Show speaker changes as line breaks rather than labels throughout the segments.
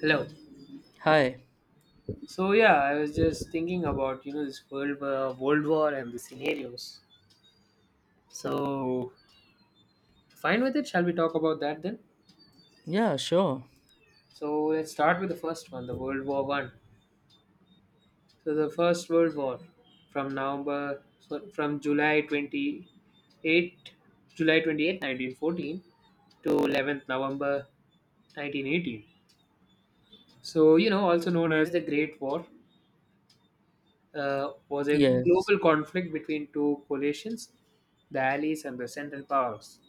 Hello.
Hi.
So yeah, I was just thinking about this world war and the scenarios. So fine with it. Shall we talk about that then?
Yeah, sure.
So let's start with the first one, the World War One. So the first World War, from November, so from July twenty eight, July 28th, 1914, to 11th November, 1918. So also known as the Great War was a
Yes.
global conflict between two coalitions, the Allies and the Central Powers.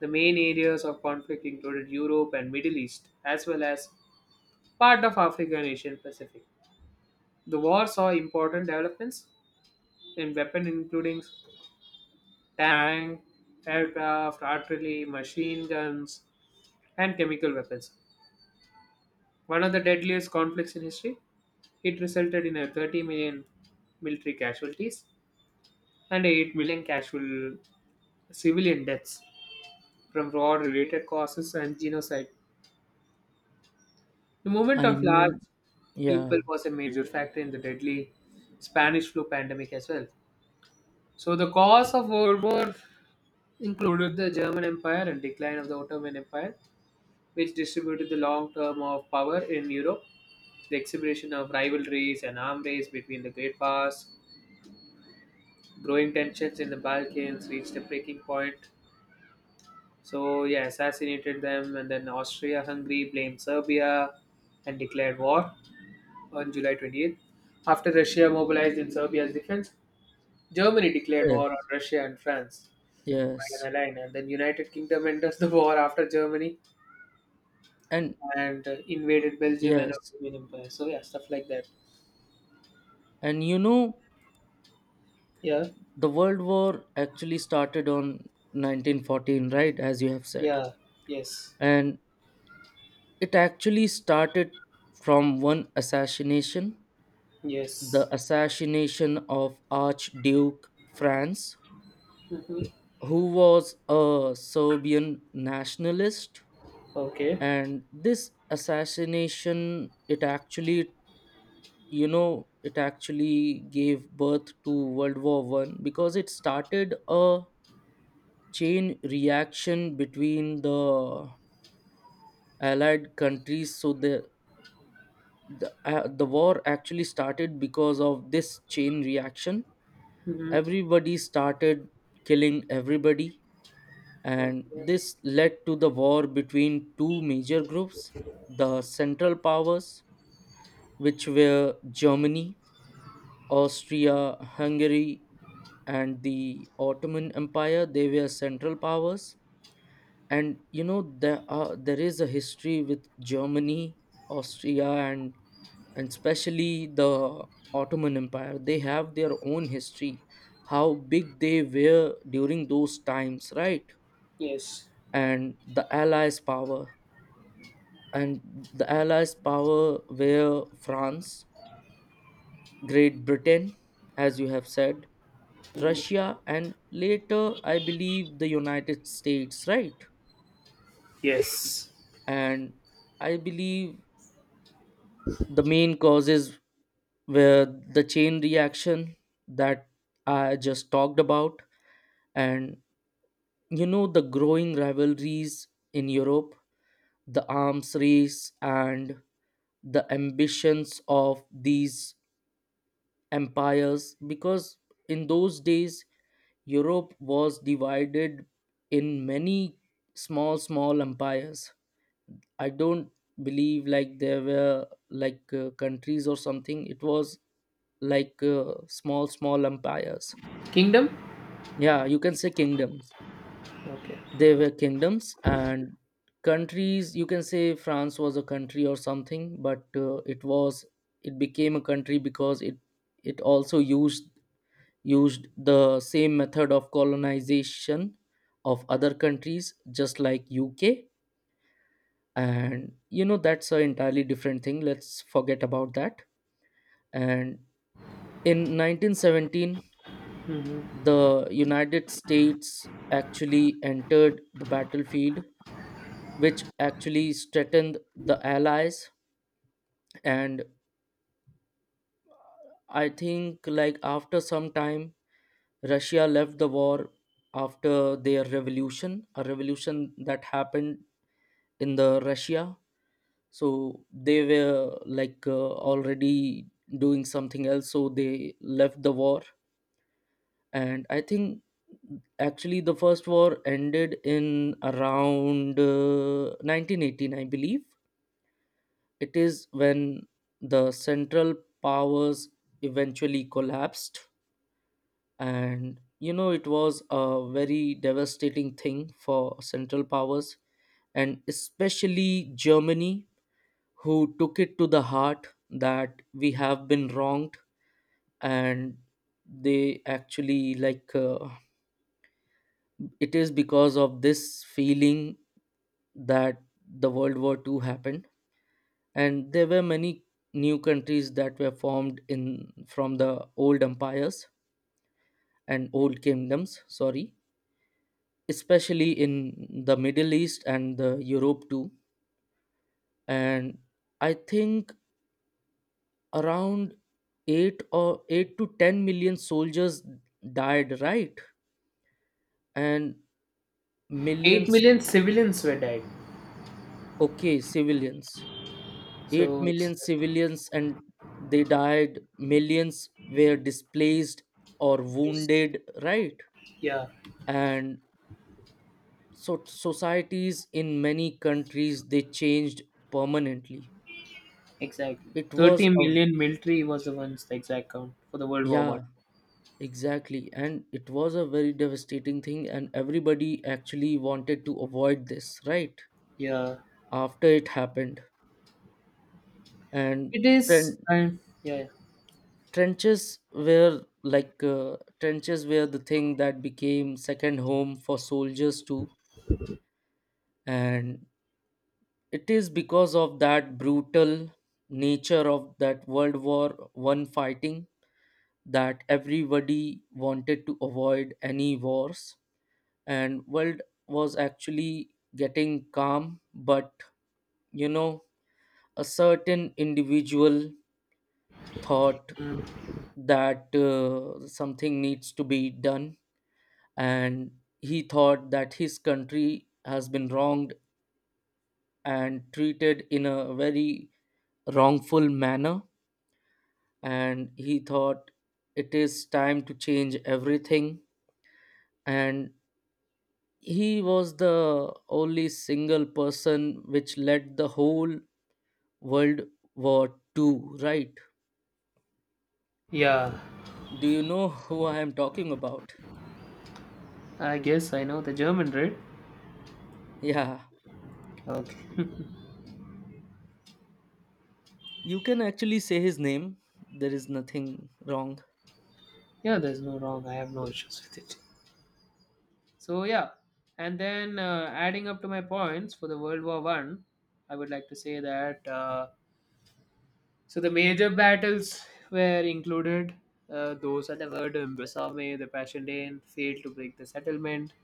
The main areas of conflict included Europe and Middle East, as well as part of Africa and Asian Pacific. The war saw important developments in weapons, including tank, aircraft, artillery, machine guns, and chemical weapons. One of the deadliest conflicts in history, it resulted in a 30 million military casualties and 8 million casual civilian deaths from war-related causes and genocide. The movement
I
of large
mean,
people
yeah.
was a major factor in the deadly Spanish flu pandemic as well. So the cause of World War included the German Empire and decline of the Ottoman Empire, which distributed the long term of power in Europe, the exhibition of rivalries and arm race between the great powers, growing tensions in the Balkans reached a breaking point. So, yeah, assassinated them, and then Austria Hungary blamed Serbia and declared war on July 28th. After Russia mobilized in Serbia's defense, Germany declared war on
Yes.
Russia and France by an
Yes.
alliance, and then United Kingdom enters the war after Germany
And
and invaded Belgium and
yes.
Ottoman Empire. So, yeah, stuff like that.
And
Yeah,
the World War actually started on 1914, right? As you have said.
yeah, yes,
And it actually started from one assassination,
yes.
the assassination of Archduke Franz,
hmm
who was a Serbian nationalist.
Okay.
And this assassination, it actually gave birth to World War I because it started a chain reaction between the allied countries. So the war actually started because of this chain reaction.
Hmm.
Everybody started killing everybody, and
Okay.
this led to the war between two major groups: the central powers, which were Germany, Austria, Hungary, and the Ottoman Empire. They were central powers, and there is a history with Germany, Austria, and especially the Ottoman Empire. They have their own history, how big they were during those times, right?
Yes.
And the Allies' power and the Allies' power were France, Great Britain, as you have said, Russia, and later, I believe, the United States, right?
Yes.
And I believe the main causes were the chain reaction that I just talked about, and the growing rivalries in Europe, the arms race, and the ambitions of these empires, because in those days Europe was divided in many small empires. I don't believe like there were like countries or something. It was like small empires.
Kingdom?
Yeah, you can say kingdoms.
Okay.
They were kingdoms and countries. You can say France was a country or something, but it became a country because it also used the same method of colonization of other countries, just like UK. And that's a entirely different thing. Let's forget about that. And in 1917,
hmm
the United States actually entered the battlefield, which actually threatened the allies. And I think like after some time, Russia left the war after their revolution, a revolution that happened in the Russia. So they were like already doing something else, so they left the war. And I think actually the first war ended in around 1918, I believe. It is when the Central Powers eventually collapsed. And it was a very devastating thing for Central Powers, and especially Germany, who took it to the heart that we have been wronged. And they actually like it is because of this feeling that the World War II happened. And there were many new countries that were formed in from the old empires and old kingdoms, sorry, especially in the Middle East and the Europe too. And I think around 8 or 8 to 10 million soldiers died, right? And
8
millions,
million civilians were dead.
okay, civilians. Eight
So
million civilians, and they died. Millions were displaced or
it's-
wounded, right?
yeah,
And so societies in many countries, they changed permanently.
exactly.
It was
30
a
million military was the ones the exact count for the World War One.
Yeah. Exactly, and it was a very devastating thing, and everybody actually wanted to avoid this, right?
Yeah,
After it happened. And
it is.
tren-
And yeah,
trenches were the thing that became second home for soldiers too. And it is because of that brutal nature of that World War I fighting that everybody wanted to avoid any wars. And world was actually getting calm, but you know a certain individual thought
mm,
that something needs to be done. And he thought that his country has been wronged and treated in a very wrongful manner, and he thought it is time to change everything. And he was the only single person which led the whole World War II, right?
yeah.
Do you know who I am talking about?
I guess I know the German, right?
Yeah,
Okay.
you can actually say his name. There is nothing wrong.
Yeah, there's no wrong. I have no issues with it. So yeah, and then adding up to my points for the World War One, I would like to say that. So the major battles were included. Those at the word Imbasame, the Passchendaele failed to break the settlement.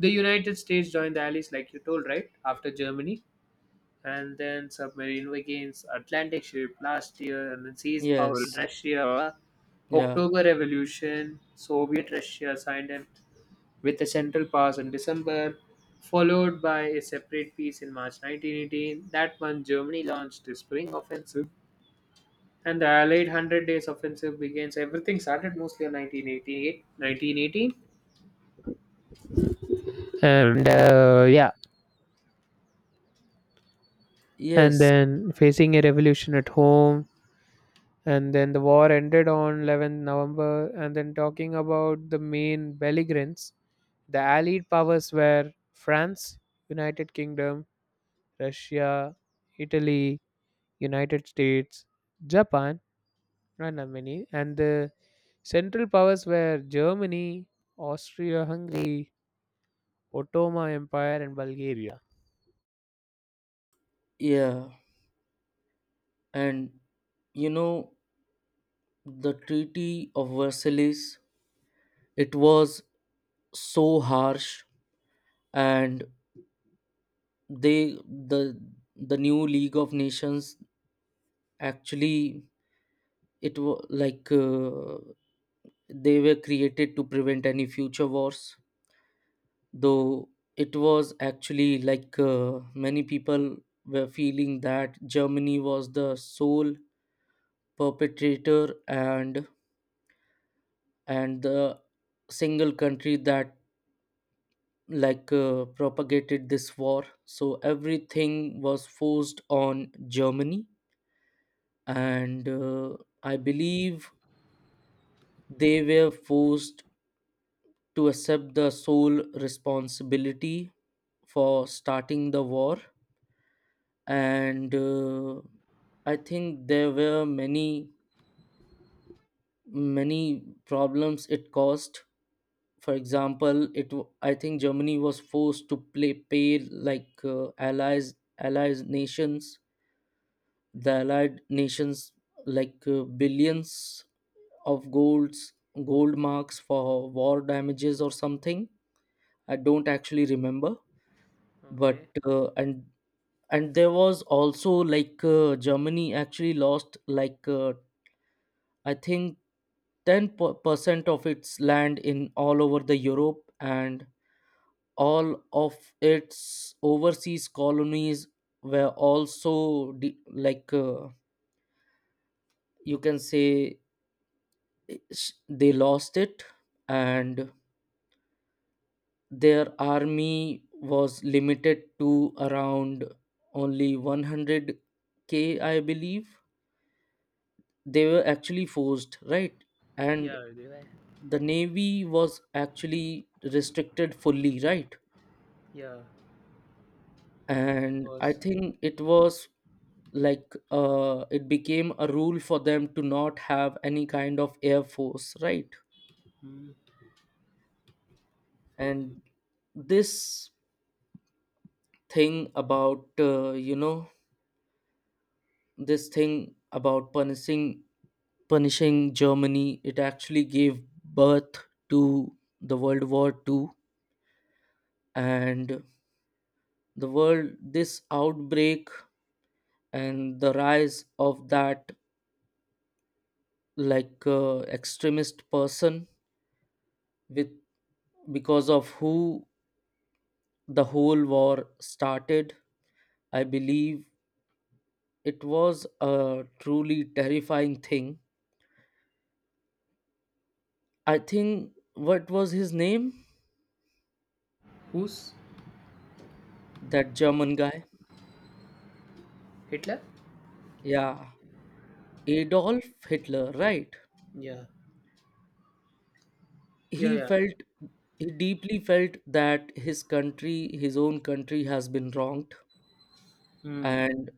The United States joined the Allies, like you told, right after Germany, and then submarine against Atlantic ship last year, and then seized power in
Yes,
Russia.
yeah,
October Revolution, Soviet Russia signed it with the Central Pass in December, followed by a separate peace in March 1918. That month, Germany launched the Spring Offensive and the Allied Hundred Days Offensive begins. Everything started mostly in 1918, and yeah, and
yes,
then facing a revolution at home, and then the war ended on 11th November, and then talking about the main belligerents, the Allied powers were France, United Kingdom, Russia, Italy, United States, Japan, and many, and the central powers were Germany, Austria-Hungary, Ottoman Empire and Bulgaria.
yeah. And you know, the Treaty of Versailles, it was so harsh, and they, the, the new League of Nations, actually, it was like they were created to prevent any future wars. Though it was actually like many people were feeling that Germany was the sole perpetrator, and the single country that like propagated this war, so everything was forced on Germany. And I believe they were forced to accept the sole responsibility for starting the war. And I think there were many problems it caused. For example, I think Germany was forced to play pay like allies allies nations the allied nations like billions of gold marks for war damages or something. I don't actually remember, but
Okay.
and there was also like Germany actually lost like I think 10% of its land in all over the Europe. And all of its overseas colonies were also like you can say, they lost it. And their army was limited to around only 100K, I believe. They were actually forced, right? And
Yeah, they were.
the navy was actually restricted fully, right?
Yeah, of
And I
course.
think it was like it became a rule for them to not have any kind of air force, right?
Mm.
And this thing about you know this thing about punishing Germany, it actually gave birth to the World War II. And the world, this outbreak and the rise of that like extremist person, with because of who the whole war started, I believe it was a truly terrifying thing. I think, what was his name,
Who's
that German guy?
Hitler?
Yeah, Adolf Hitler, right?
Yeah. Yeah,
he
yeah.
felt he deeply felt that his country, his own country, has been wronged,
Hmm.
and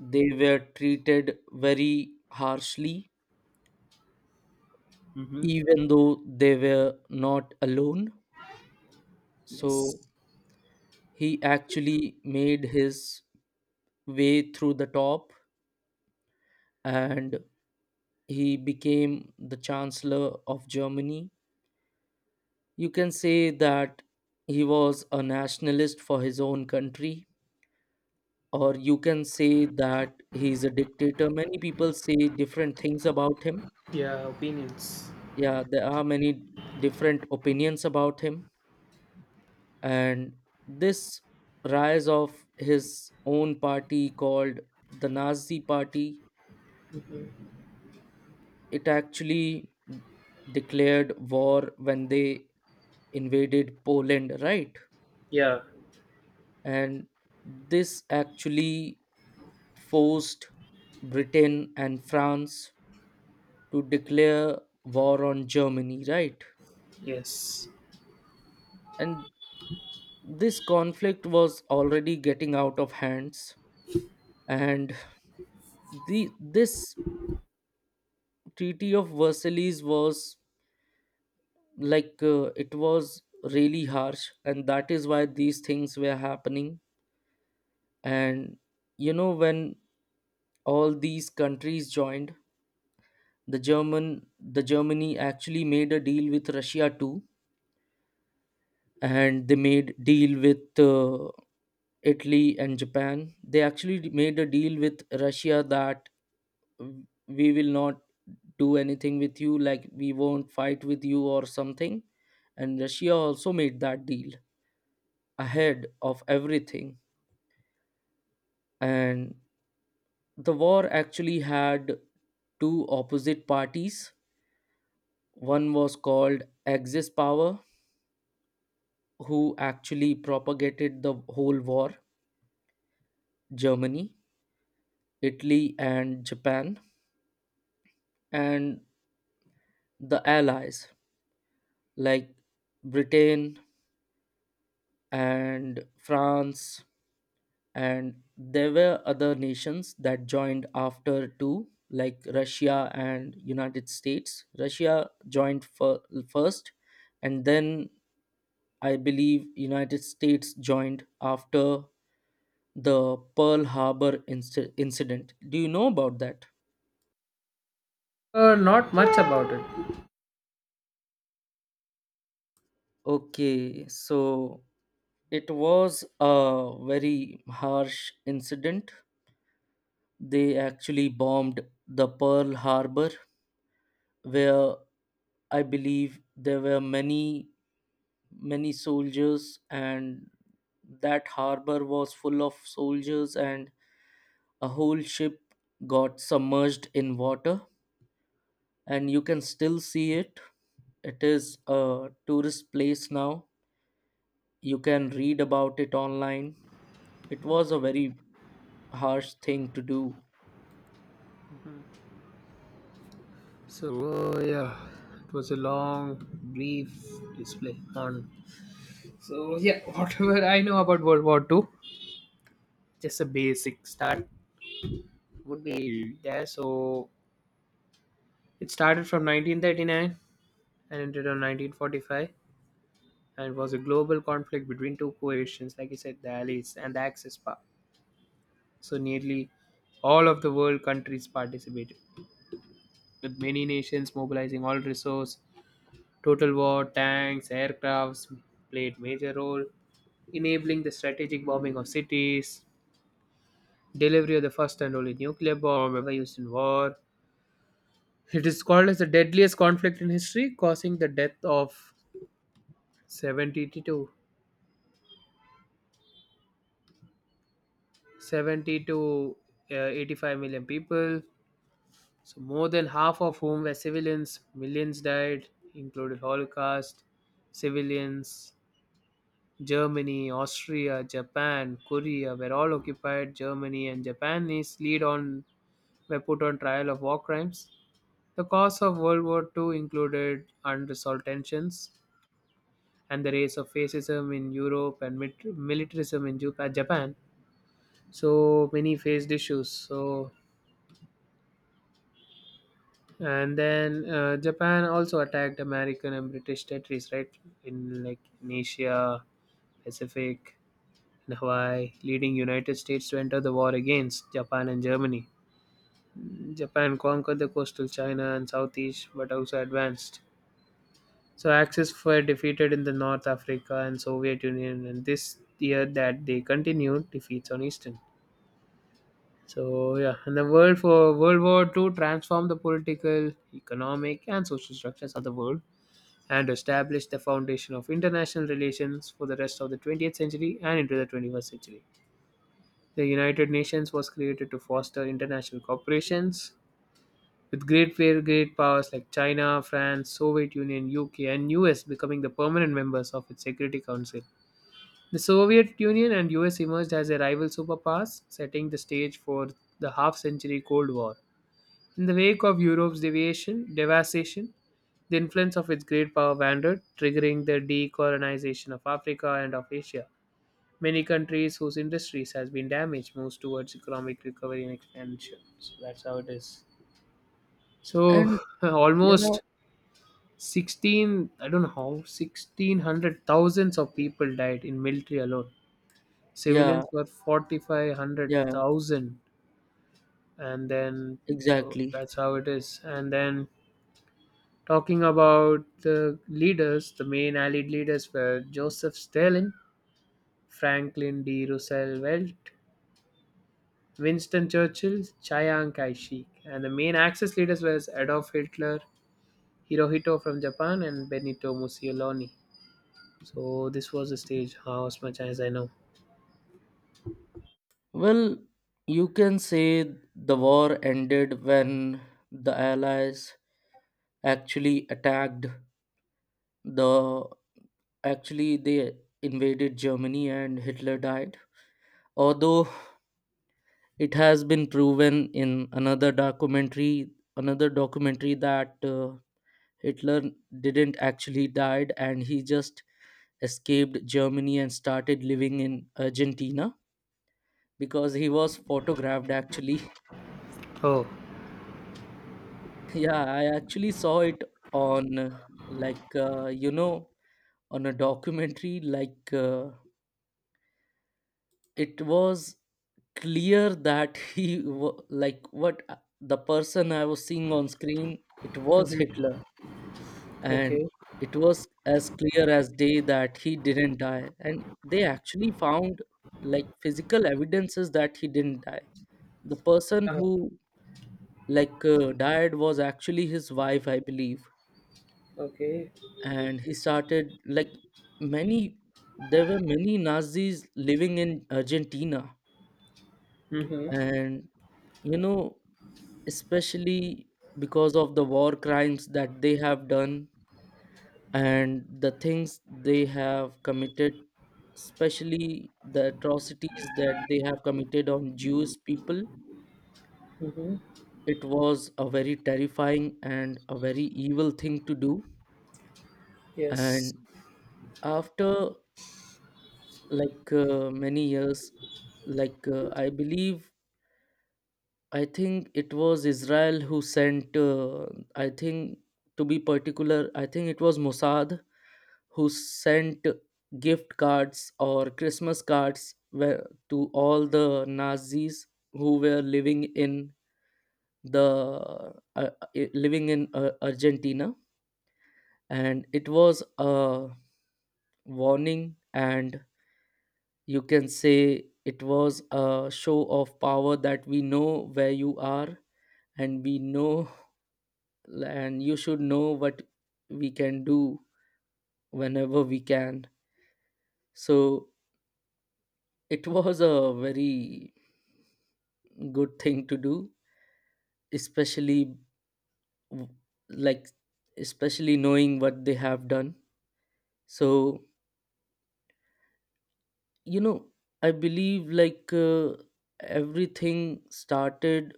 they were treated very harshly,
Mm-hmm.
even though they were not alone.
Yes.
So he actually made his way through the top, and he became the Chancellor of Germany. You can say that he was a nationalist for his own country, or you can say that he's a dictator. Many people say different things about him.
Yeah, opinions.
Yeah, there are many different opinions about him. And this rise of his own party, called the Nazi party,
Mhm.
it actually declared war when they invaded Poland, right?
Yeah,
And this actually forced Britain and France to declare war on Germany, right?
yes.
And this conflict was already getting out of hands, and the this Treaty of Versailles was like it was really harsh, and that is why these things were happening. And when all these countries joined, the Germany actually made a deal with Russia too, and they made deal with Italy and Japan. They actually made a deal with Russia that we will not do anything with you, like we won't fight with you or something. And Russia also made that deal ahead of everything. And the war actually had two opposite parties. One was called axis power, who actually propagated the whole war: Germany, Italy, and Japan. And the Allies, like Britain and France. And there were other nations that joined after too, like Russia and United States. Russia joined first, and then I believe United States joined after the Pearl Harbor incident. Do you know about that?
Not much about it.
Okay, so it was a very harsh incident. They actually bombed the Pearl Harbor, where I believe there were many soldiers, and that harbor was full of soldiers. And a whole ship got submerged in water, and you can still see it. It is a tourist place now. You can read about it online. It was a very harsh thing to do.
So, yeah, it was a long, brief display on. So, yeah, whatever I know about World War Two, just a basic start would be there. So, it started from 1939 and ended on 1945 and was a global conflict between two coalitions, like I said, the Allies and the Axis power. So nearly all of the world countries participated, with many nations mobilizing all resource. Total war, tanks, aircrafts played major role, enabling the strategic bombing of cities, delivery of the first and only nuclear bomb ever used in war. It is called as the deadliest conflict in history, causing the death of 72 70 to 85 million people, so more than half of whom were civilians. Millions died, including Holocaust civilians. Germany, Austria, Japan, Korea were all occupied. Germany and Japanese lead on were put on trial of war crimes. The cause of World War Two included unresolved tensions and the rise of fascism in Europe and militarism in Japan. So many faced issues. So and then Japan also attacked American and British territories, right? In like in Asia, Pacific, and Hawaii, leading United States to enter the war against Japan and Germany. Japan conquered the coastal China and Southeast, but also advanced. So Axis were defeated in the North Africa and Soviet Union, and this year that they continued defeats on Eastern. So yeah, and the world for World War Two transformed the political, economic, and social structures of the world and established the foundation of international relations for the rest of the 20th century and into the 21st century. The United Nations was created to foster international cooperations with great powers like China, France, Soviet Union, UK and US becoming the permanent members of its Security Council. The Soviet Union and US emerged as a rival superpowers, setting the stage for the half century Cold War. In the wake of Europe's deviation, devastation, the influence of its great power wandered, triggering the decolonization of Africa and of Asia. Many countries whose industries has been damaged moves towards economic recovery and expansion. So that's how it is. So
And yeah,
almost 16, I don't know how, 1600 thousands of people died in military alone.
yeah,
Civilians were forty-five hundred
yeah,
thousand, and then so
exactly.
that's how it is and then talking about the leaders, the main Allied leaders were Joseph Stalin, Franklin D. Roosevelt, Winston Churchill, Chiang Kai-shek, and the main Axis leaders were Adolf Hitler, Hirohito from Japan, and Benito Mussolini. So this was the stage, how as much as I know.
Well, you can say the war ended when the allies actually attacked the actually they invaded Germany and Hitler died. Although it has been proven in another documentary, that Hitler didn't actually died, and he just escaped Germany and started living in Argentina because he was photographed actually.
Oh,
Yeah, I actually saw it on like on a documentary it was clear that he wa- like what the person I was seeing on screen, it was
Mhm.
Hitler.
okay,
And it was as clear as day that he didn't die, and they actually found like physical evidences that he didn't die. The person
uh
who died was actually his wife, I believe.
okay,
And he started like many, there were many Nazis living in Argentina.
mm-hmm.
And you know, especially because of the war crimes that they have done and the things they have committed, especially the atrocities that they have committed on Jewish people.
Mm-hmm.
It was a very terrifying and a very evil thing to do.
Yes,
And after many years, I believe, I think it was Israel who sent, I think, to be particular, I think it was Mossad who sent gift cards or Christmas cards where, to all the Nazis who were living in the uh, living in Argentina. And it was a warning, and you can say it was a show of power that we know where you are, and we know, and you should know what we can do whenever we can. So it was a very good thing to do, especially w- like especially knowing what they have done. So you know, I believe everything started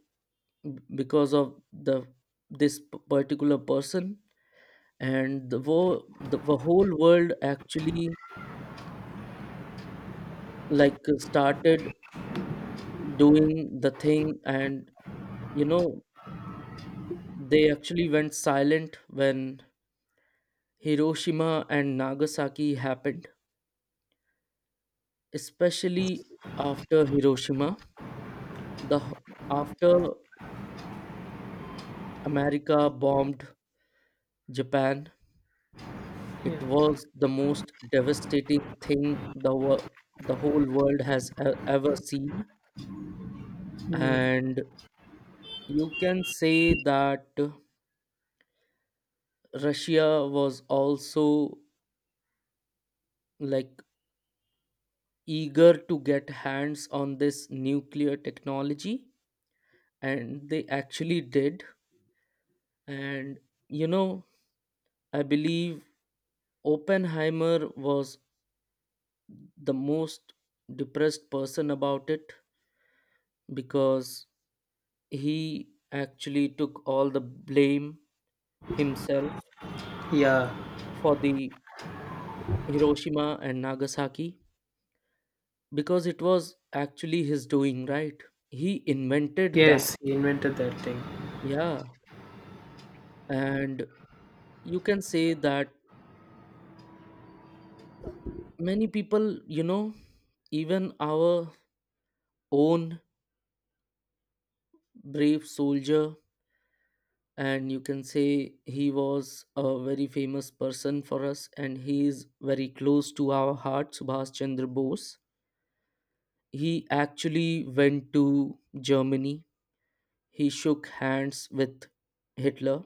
because of the, this particular person. And the, the whole world actually started doing the thing. And you know, they actually went silent when Hiroshima and Nagasaki happened. Especially after Hiroshima, the h- after America bombed Japan, it
yeah,
was the most devastating thing the the whole world has ever seen.
mm,
And you can say that Russia was also like eager to get hands on this nuclear technology, and they actually did. And you know, I believe Oppenheimer was the most depressed person about it, because he actually took all the blame himself
yeah,
for the Hiroshima and Nagasaki, because it was actually his doing, right? He invented that.
yes, he invented that thing.
Yeah. And you can say that many people, you know, even our own brave soldier, and you can say he was a very famous person for us and he is very close to our heart, Subhash Chandra Bose, he actually went to Germany, he shook hands with Hitler,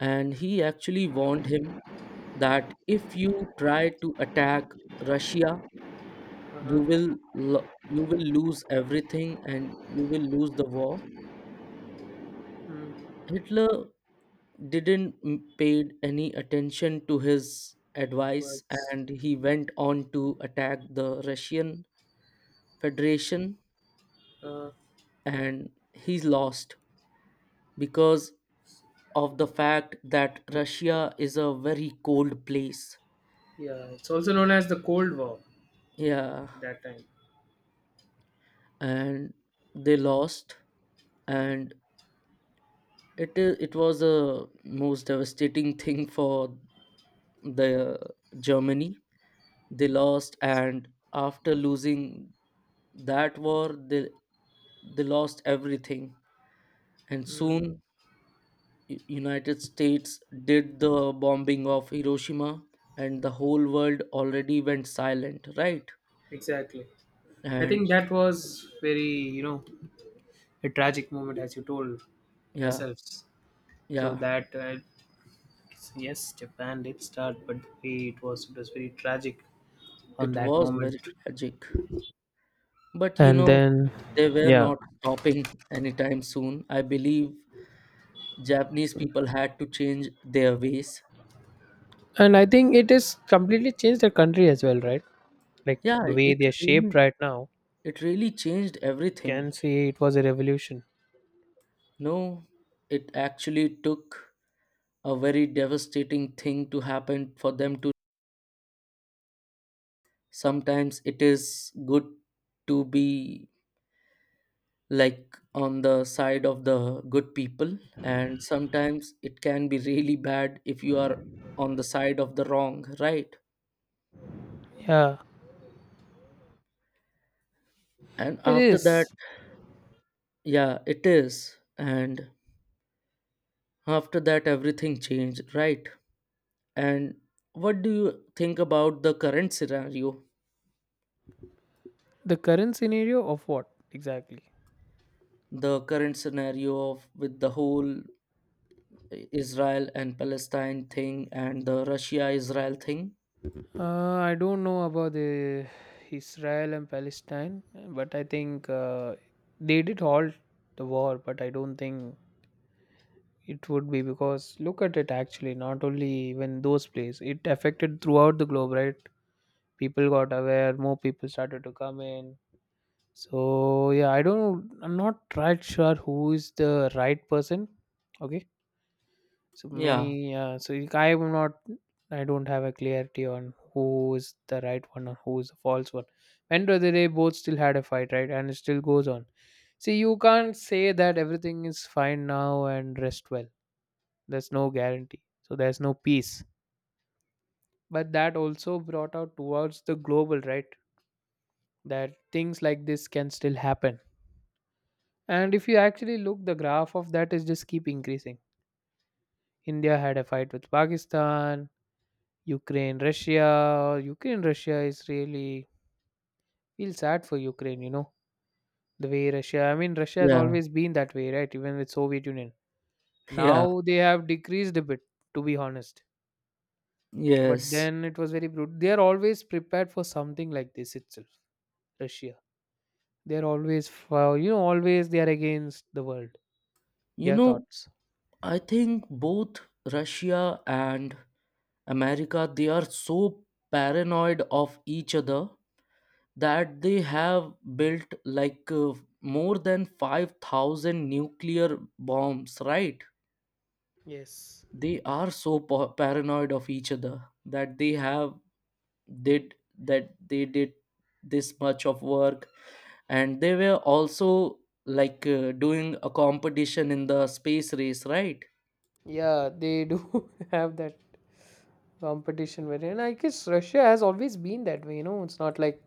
and he actually warned him that if you try to attack Russia, you
Uh-huh.
will you will lose everything and you will lose the war.
Mm.
Hitler didn't paid any attention to his advice,
Words.
and he went on to attack the Russian Federation.
Uh,
And he lost because of the fact that Russia is a very cold place.
yeah, it's also known as the Cold War
Yeah.
at that time.
And they lost. And it was a most devastating thing for the Germany. They lost, and after losing that war, they lost everything. And
Mm,
soon, United States did the bombing of Hiroshima, and the whole world already went silent, right?
exactly. I think
And
that was very, a tragic moment, as you told
yeah,
yourselves. So
yeah,
that yes, Japan did start, but the way it was very tragic on
it
that
was very
moment.
tragic. But you
And
know,
then,
they were
yeah,
not stopping anytime soon. I believe Japanese people had to change their ways.
and I think it has completely changed the country as well, right? Like
Yeah,
the way they are shaped right now,
it really changed
can
everything.
say it was a revolution.
No, it actually took a very devastating thing to happen for them to, sometimes it is good to be like on the side of the good people, and sometimes it can be really bad if you are on the side of the wrong, right?
Yeah,
And
it
after
is.
that, yeah, it is. And after that, everything changed, right? And what do you think about the current scenario?
The current scenario of what exactly?
The current scenario of, with the whole Israel and Palestine thing and the Russia Israel thing.
I don't know about the Israel and Palestine, but I think they did halt the war. But I don't think it would be because look at it actually, not only even those places, it affected throughout the globe, right? People got aware, more people started to come in. So yeah, I don't know, I'm not right sure who is the right person. Okay, so
Yeah,
many, I'm not, I don't have a clarity on who is the right one or who is the false one. End of the day, both still had a fight, right? And it still goes on. See, you can't say that everything is fine now and rest well. There's no guarantee. So there's no peace. But that also brought out towards the global, right? That things like this can still happen. And if you actually look, the graph of that is just keep increasing. India had a fight with Pakistan, Ukraine, Russia, Ukraine, Russia is really feel sad for Ukraine, the way Russia, I mean, Russia has
yeah,
always been that way, right? Even with Soviet Union.
yeah,
Now they have decreased a bit, to be honest. But
yes.
then it was very brutal. They are always prepared for something like this itself, Russia. They are always, for, always they are against the world,
You
their
know,
thoughts.
I think both Russia and America, they are so paranoid of each other that they have built more than 5,000 nuclear bombs, right?
Yes.
They are so paranoid of each other that they have did that they did this much of work. And they were also doing a competition in the space race, right?
Yeah, they do have that competition wherein I guess Russia has always been that way. It's not like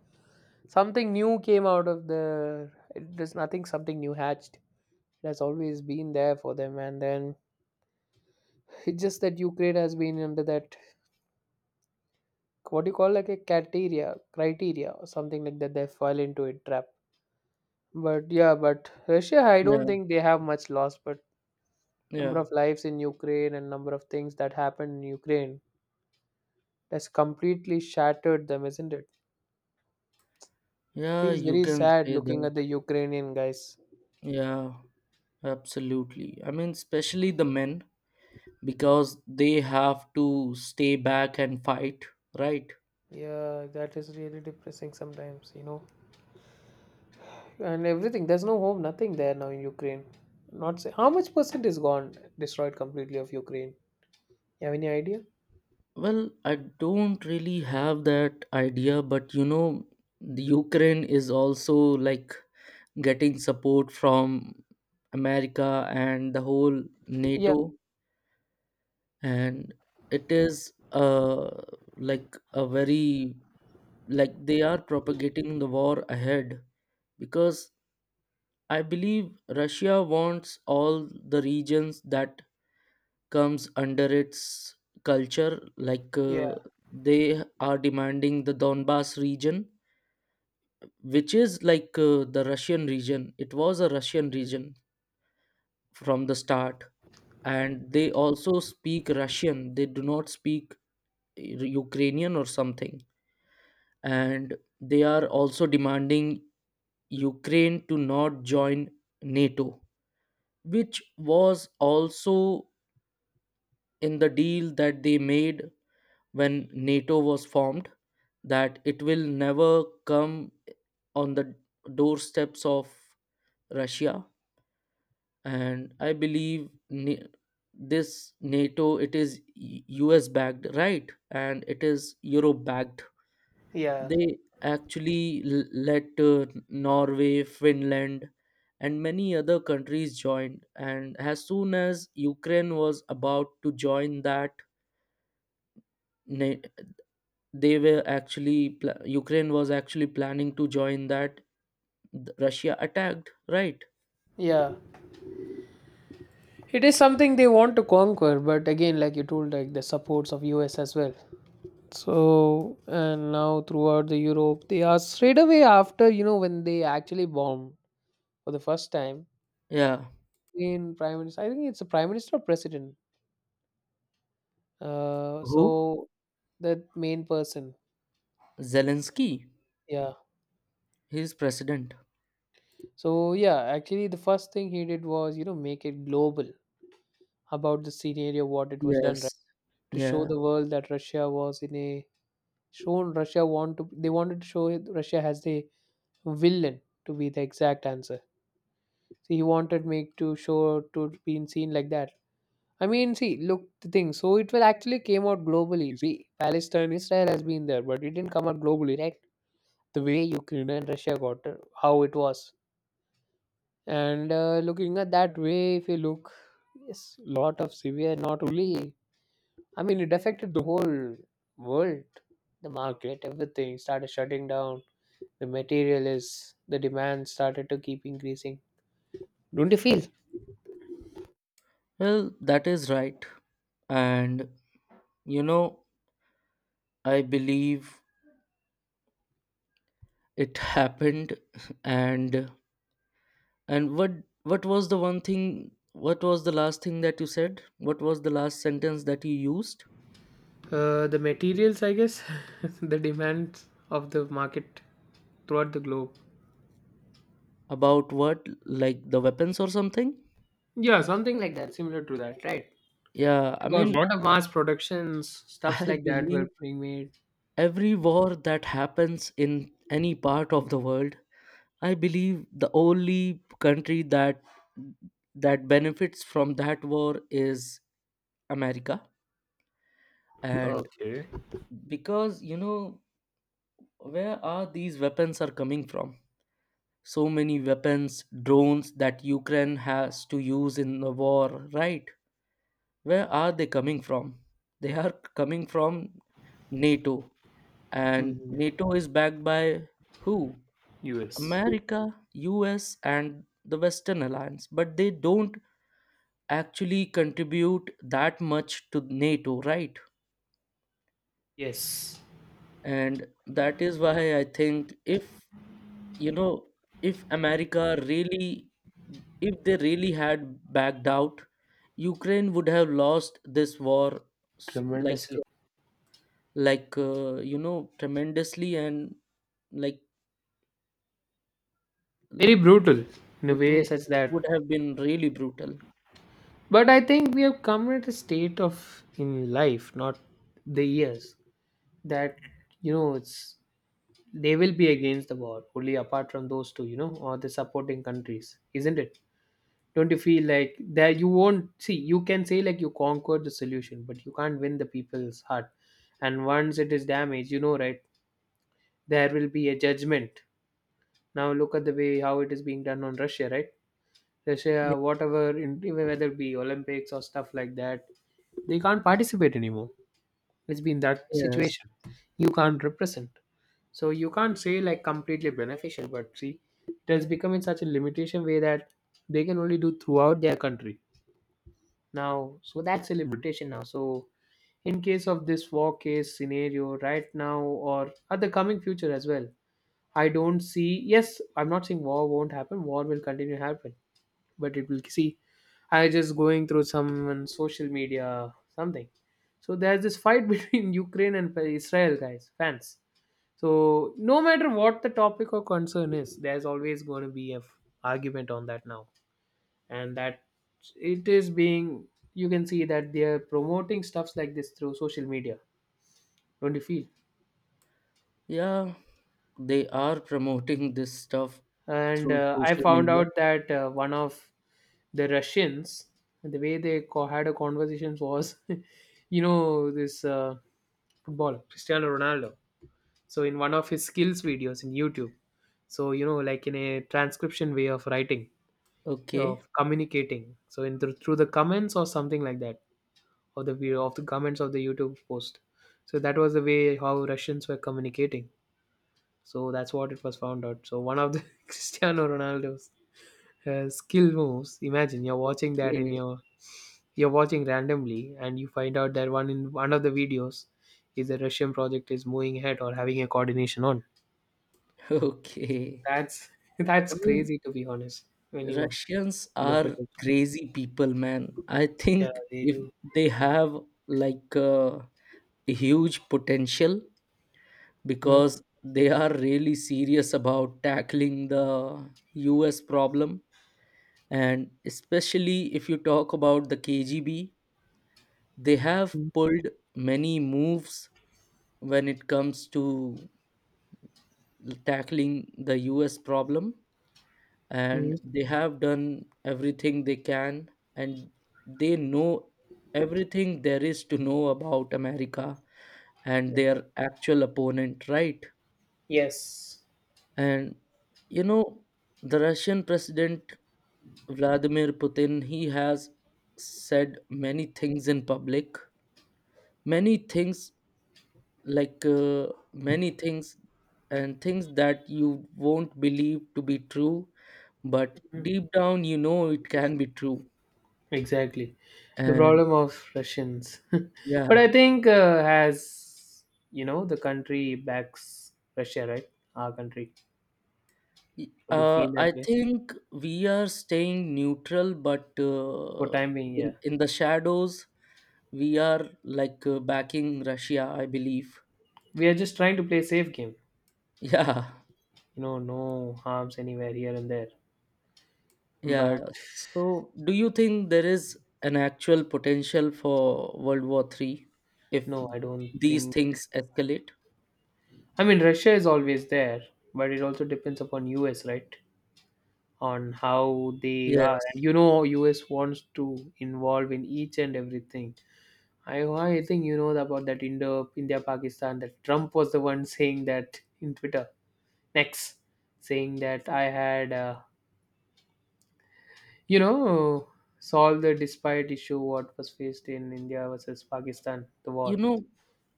something new came out of the it, there's nothing something new hatched. It has always been there for them, and then it's just that Ukraine has been under that what do you call like a criteria or something like that. They fall into a trap. But yeah, but Russia, I don't
Yeah,
think they have much loss. But number
yeah,
of lives in Ukraine and number of things that happened in Ukraine has completely shattered them, isn't it?
yeah,
Feels
you
very
can
sad
say
looking
that.
at the Ukrainian guys.
Yeah, absolutely. I mean, especially the men, because they have to stay back and fight, right?
Yeah, that is really depressing sometimes. And everything. There's no home, nothing there now in Ukraine. Not say how much percent is gone, destroyed completely of Ukraine. You have any idea?
Well, I don't really have that idea, but you know, the Ukraine is also like getting support from America and the whole
Yeah,
NATO. And it is uh, like a very, like they are propagating the war ahead, because I believe Russia wants all the regions that comes under its culture,
yeah,
they are demanding the Donbas region, which is like the russian region it was a Russian region from the start. And they also speak Russian, they do not speak Ukrainian or something. And they are also demanding Ukraine to not join NATO, which was also in the deal that they made when NATO was formed, that it will never come on the doorsteps of Russia. And I believe this NATO, it is US backed, right? And it is Euro backed.
yeah,
They actually let Norway, Finland, and many other countries join. And as soon as Ukraine was about to join that, na- they were actually pla- Ukraine was actually planning to join that. Russia attacked, right?
yeah. It is something they want to conquer, but again, like you told, like the supports of US as well. So and now throughout the Europe, they are straight away after when they actually bombed for the first time.
Yeah.
In prime minister, I think it's a prime minister or president.
Who?
So the main person,
Zelensky.
yeah.
He's president.
So yeah, actually the first thing he did was, make it global about the scenario what it was done, right?
Yes.
To show
Yeah.
the world that Russia was in a shown Russia want to they wanted to show it- Russia as the villain to be the exact answer. So he wanted make to show to being seen like that. I mean, see, look the thing. So it will actually came out globally. See, Palestine, Israel has been there, but it didn't come out globally, right? The way Ukraine and Russia got it, how it was. And looking at that way, if you look, yes, lot of severe, not only, I mean, it affected the whole world, the market, everything started shutting down. The material is, the demand started to keep increasing. Don't you feel?
Well, that is right. And you know, I believe it happened. And And what what was the one thing, what was the last thing that you said? What was the last sentence that you used
The materials, I guess, the demands of the market throughout the globe.
about, what, like the weapons or something?
Yeah, something like that, similar to that, right?
Yeah, I
Because
mean,
lot of mass productions, stuffs
I
like that were
believe
being made.
every war that happens in any part of the world, I believe the only country that benefits from that war is America. And
Okay.
because you know, where are these weapons are coming from? So many weapons, drones that Ukraine has to use in the war, right? Where are they coming from? They are coming from NATO. And
Mhm.
NATO is backed by who?
US.
America, US, and the Western Alliance. But they don't actually contribute that much to NATO, right?
Yes,
And that is why I think, if you know, if America really, if they really had backed out, Ukraine would have lost this war, like
tremendously.
you know, tremendously, and like l-
Very brutal in a
it
way such that.
would have been really brutal.
But I think we have come at a state of in life, not the years, that it's they will be against the war only apart from those two, or the supporting countries, isn't it? Don't you feel like that you won't see? You can say like you conquered the solution, but you can't win the people's heart. And once it is damaged, you know, right? There will be a judgment. Now look at the way how it is being done on Russia, right?
Ye-
Russia, whatever, in, even whether it be Olympics or stuff like that, they can't participate anymore. It's been that
yes,
situation. You can't represent. So you can't say like completely beneficial, but see, it has become in such a limitation way that they can only do throughout their country. Now, so that's a limitation now. So in case of this war case scenario right now or at the coming future as well, I don't see, yes, I'm not saying war won't happen, war will continue to happen, but it will see. I just going through some on social media, something. So there's this fight between Ukraine and Israel guys fans. So no matter what the topic or concern is, there's always going to be a f- argument on that now. And that, it is being, you can see that they are promoting stuffs like this through social media, don't you feel?
yeah, they are promoting this stuff
And
through
I
social
found
media.
out that one of the Russians, the way they co- had a conversation was, this football Cristiano Ronaldo. So in one of his skills videos in YouTube, so like in a transcription way of writing,
Okay,
of communicating. So in the, through the comments or something like that, or the video of the comments of the YouTube post. So that was the way how Russians were communicating. So that's what it was found out. So one of the Cristiano Ronaldo's skill moves. Imagine you're watching that in
okay,
your, you're watching randomly, and you find out that one in one of the videos is a Russian project is moving ahead or having a coordination on.
okay,
That's that's
I mean,
crazy to be honest. When you
Russians
look at
are
it,
crazy people, man. I
yeah,
think
they
if
do.
they have like uh, a huge potential,
Mm,
because they are really serious about tackling the US problem. And especially if you talk about the KGB, they have
mm,
pulled many moves when it comes to tackling the US problem. And
mm.
they have done everything they can. And they know everything there is to know about America and their actual opponent, right?
Yes,
And you know, the Russian president Vladimir Putin, he has said many things in public, many things, like uh, many things, and things that you won't believe to be true, but deep down you know it can be true.
exactly. The
And
problem of Russians, but I
yeah,
think as you know, the country backs Russia, right? Our country. Would you feel that
I
way
think we are staying neutral, but
for time being? Yeah.
in the shadows, we are backing Russia, I believe.
We are just trying to play safe game,
Yeah,
no harms anywhere here and there,
yeah.
but
So, do you think there is an actual potential for World War Three if
no, I don't
these
think.
things escalate?
I mean, Russia is always there, but it also depends upon US, right? On how they are, and
Yes.
US wants to involve in each and everything. I think you know about that indo India Pakistan, that Trump was the one saying that in Twitter next, saying that I had you know solve the despite issue what was faced in India versus Pakistan, the
You
war.
know,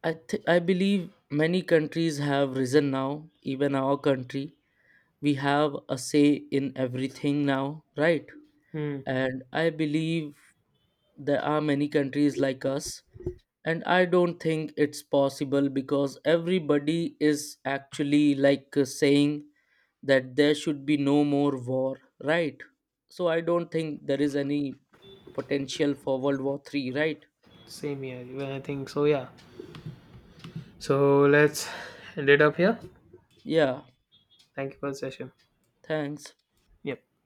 I believe many countries have risen now, even our country, we have a say in everything now, right?
Hmm.
And I believe there are many countries like us, and I don't think it's possible, because everybody is actually saying that there should be no more war, right? So I don't think there is any potential for world war 3, right?
Same here, even I think so. Yeah. So let's end it up here.
Yeah,
Thank you for the session.
thanks.
Yep.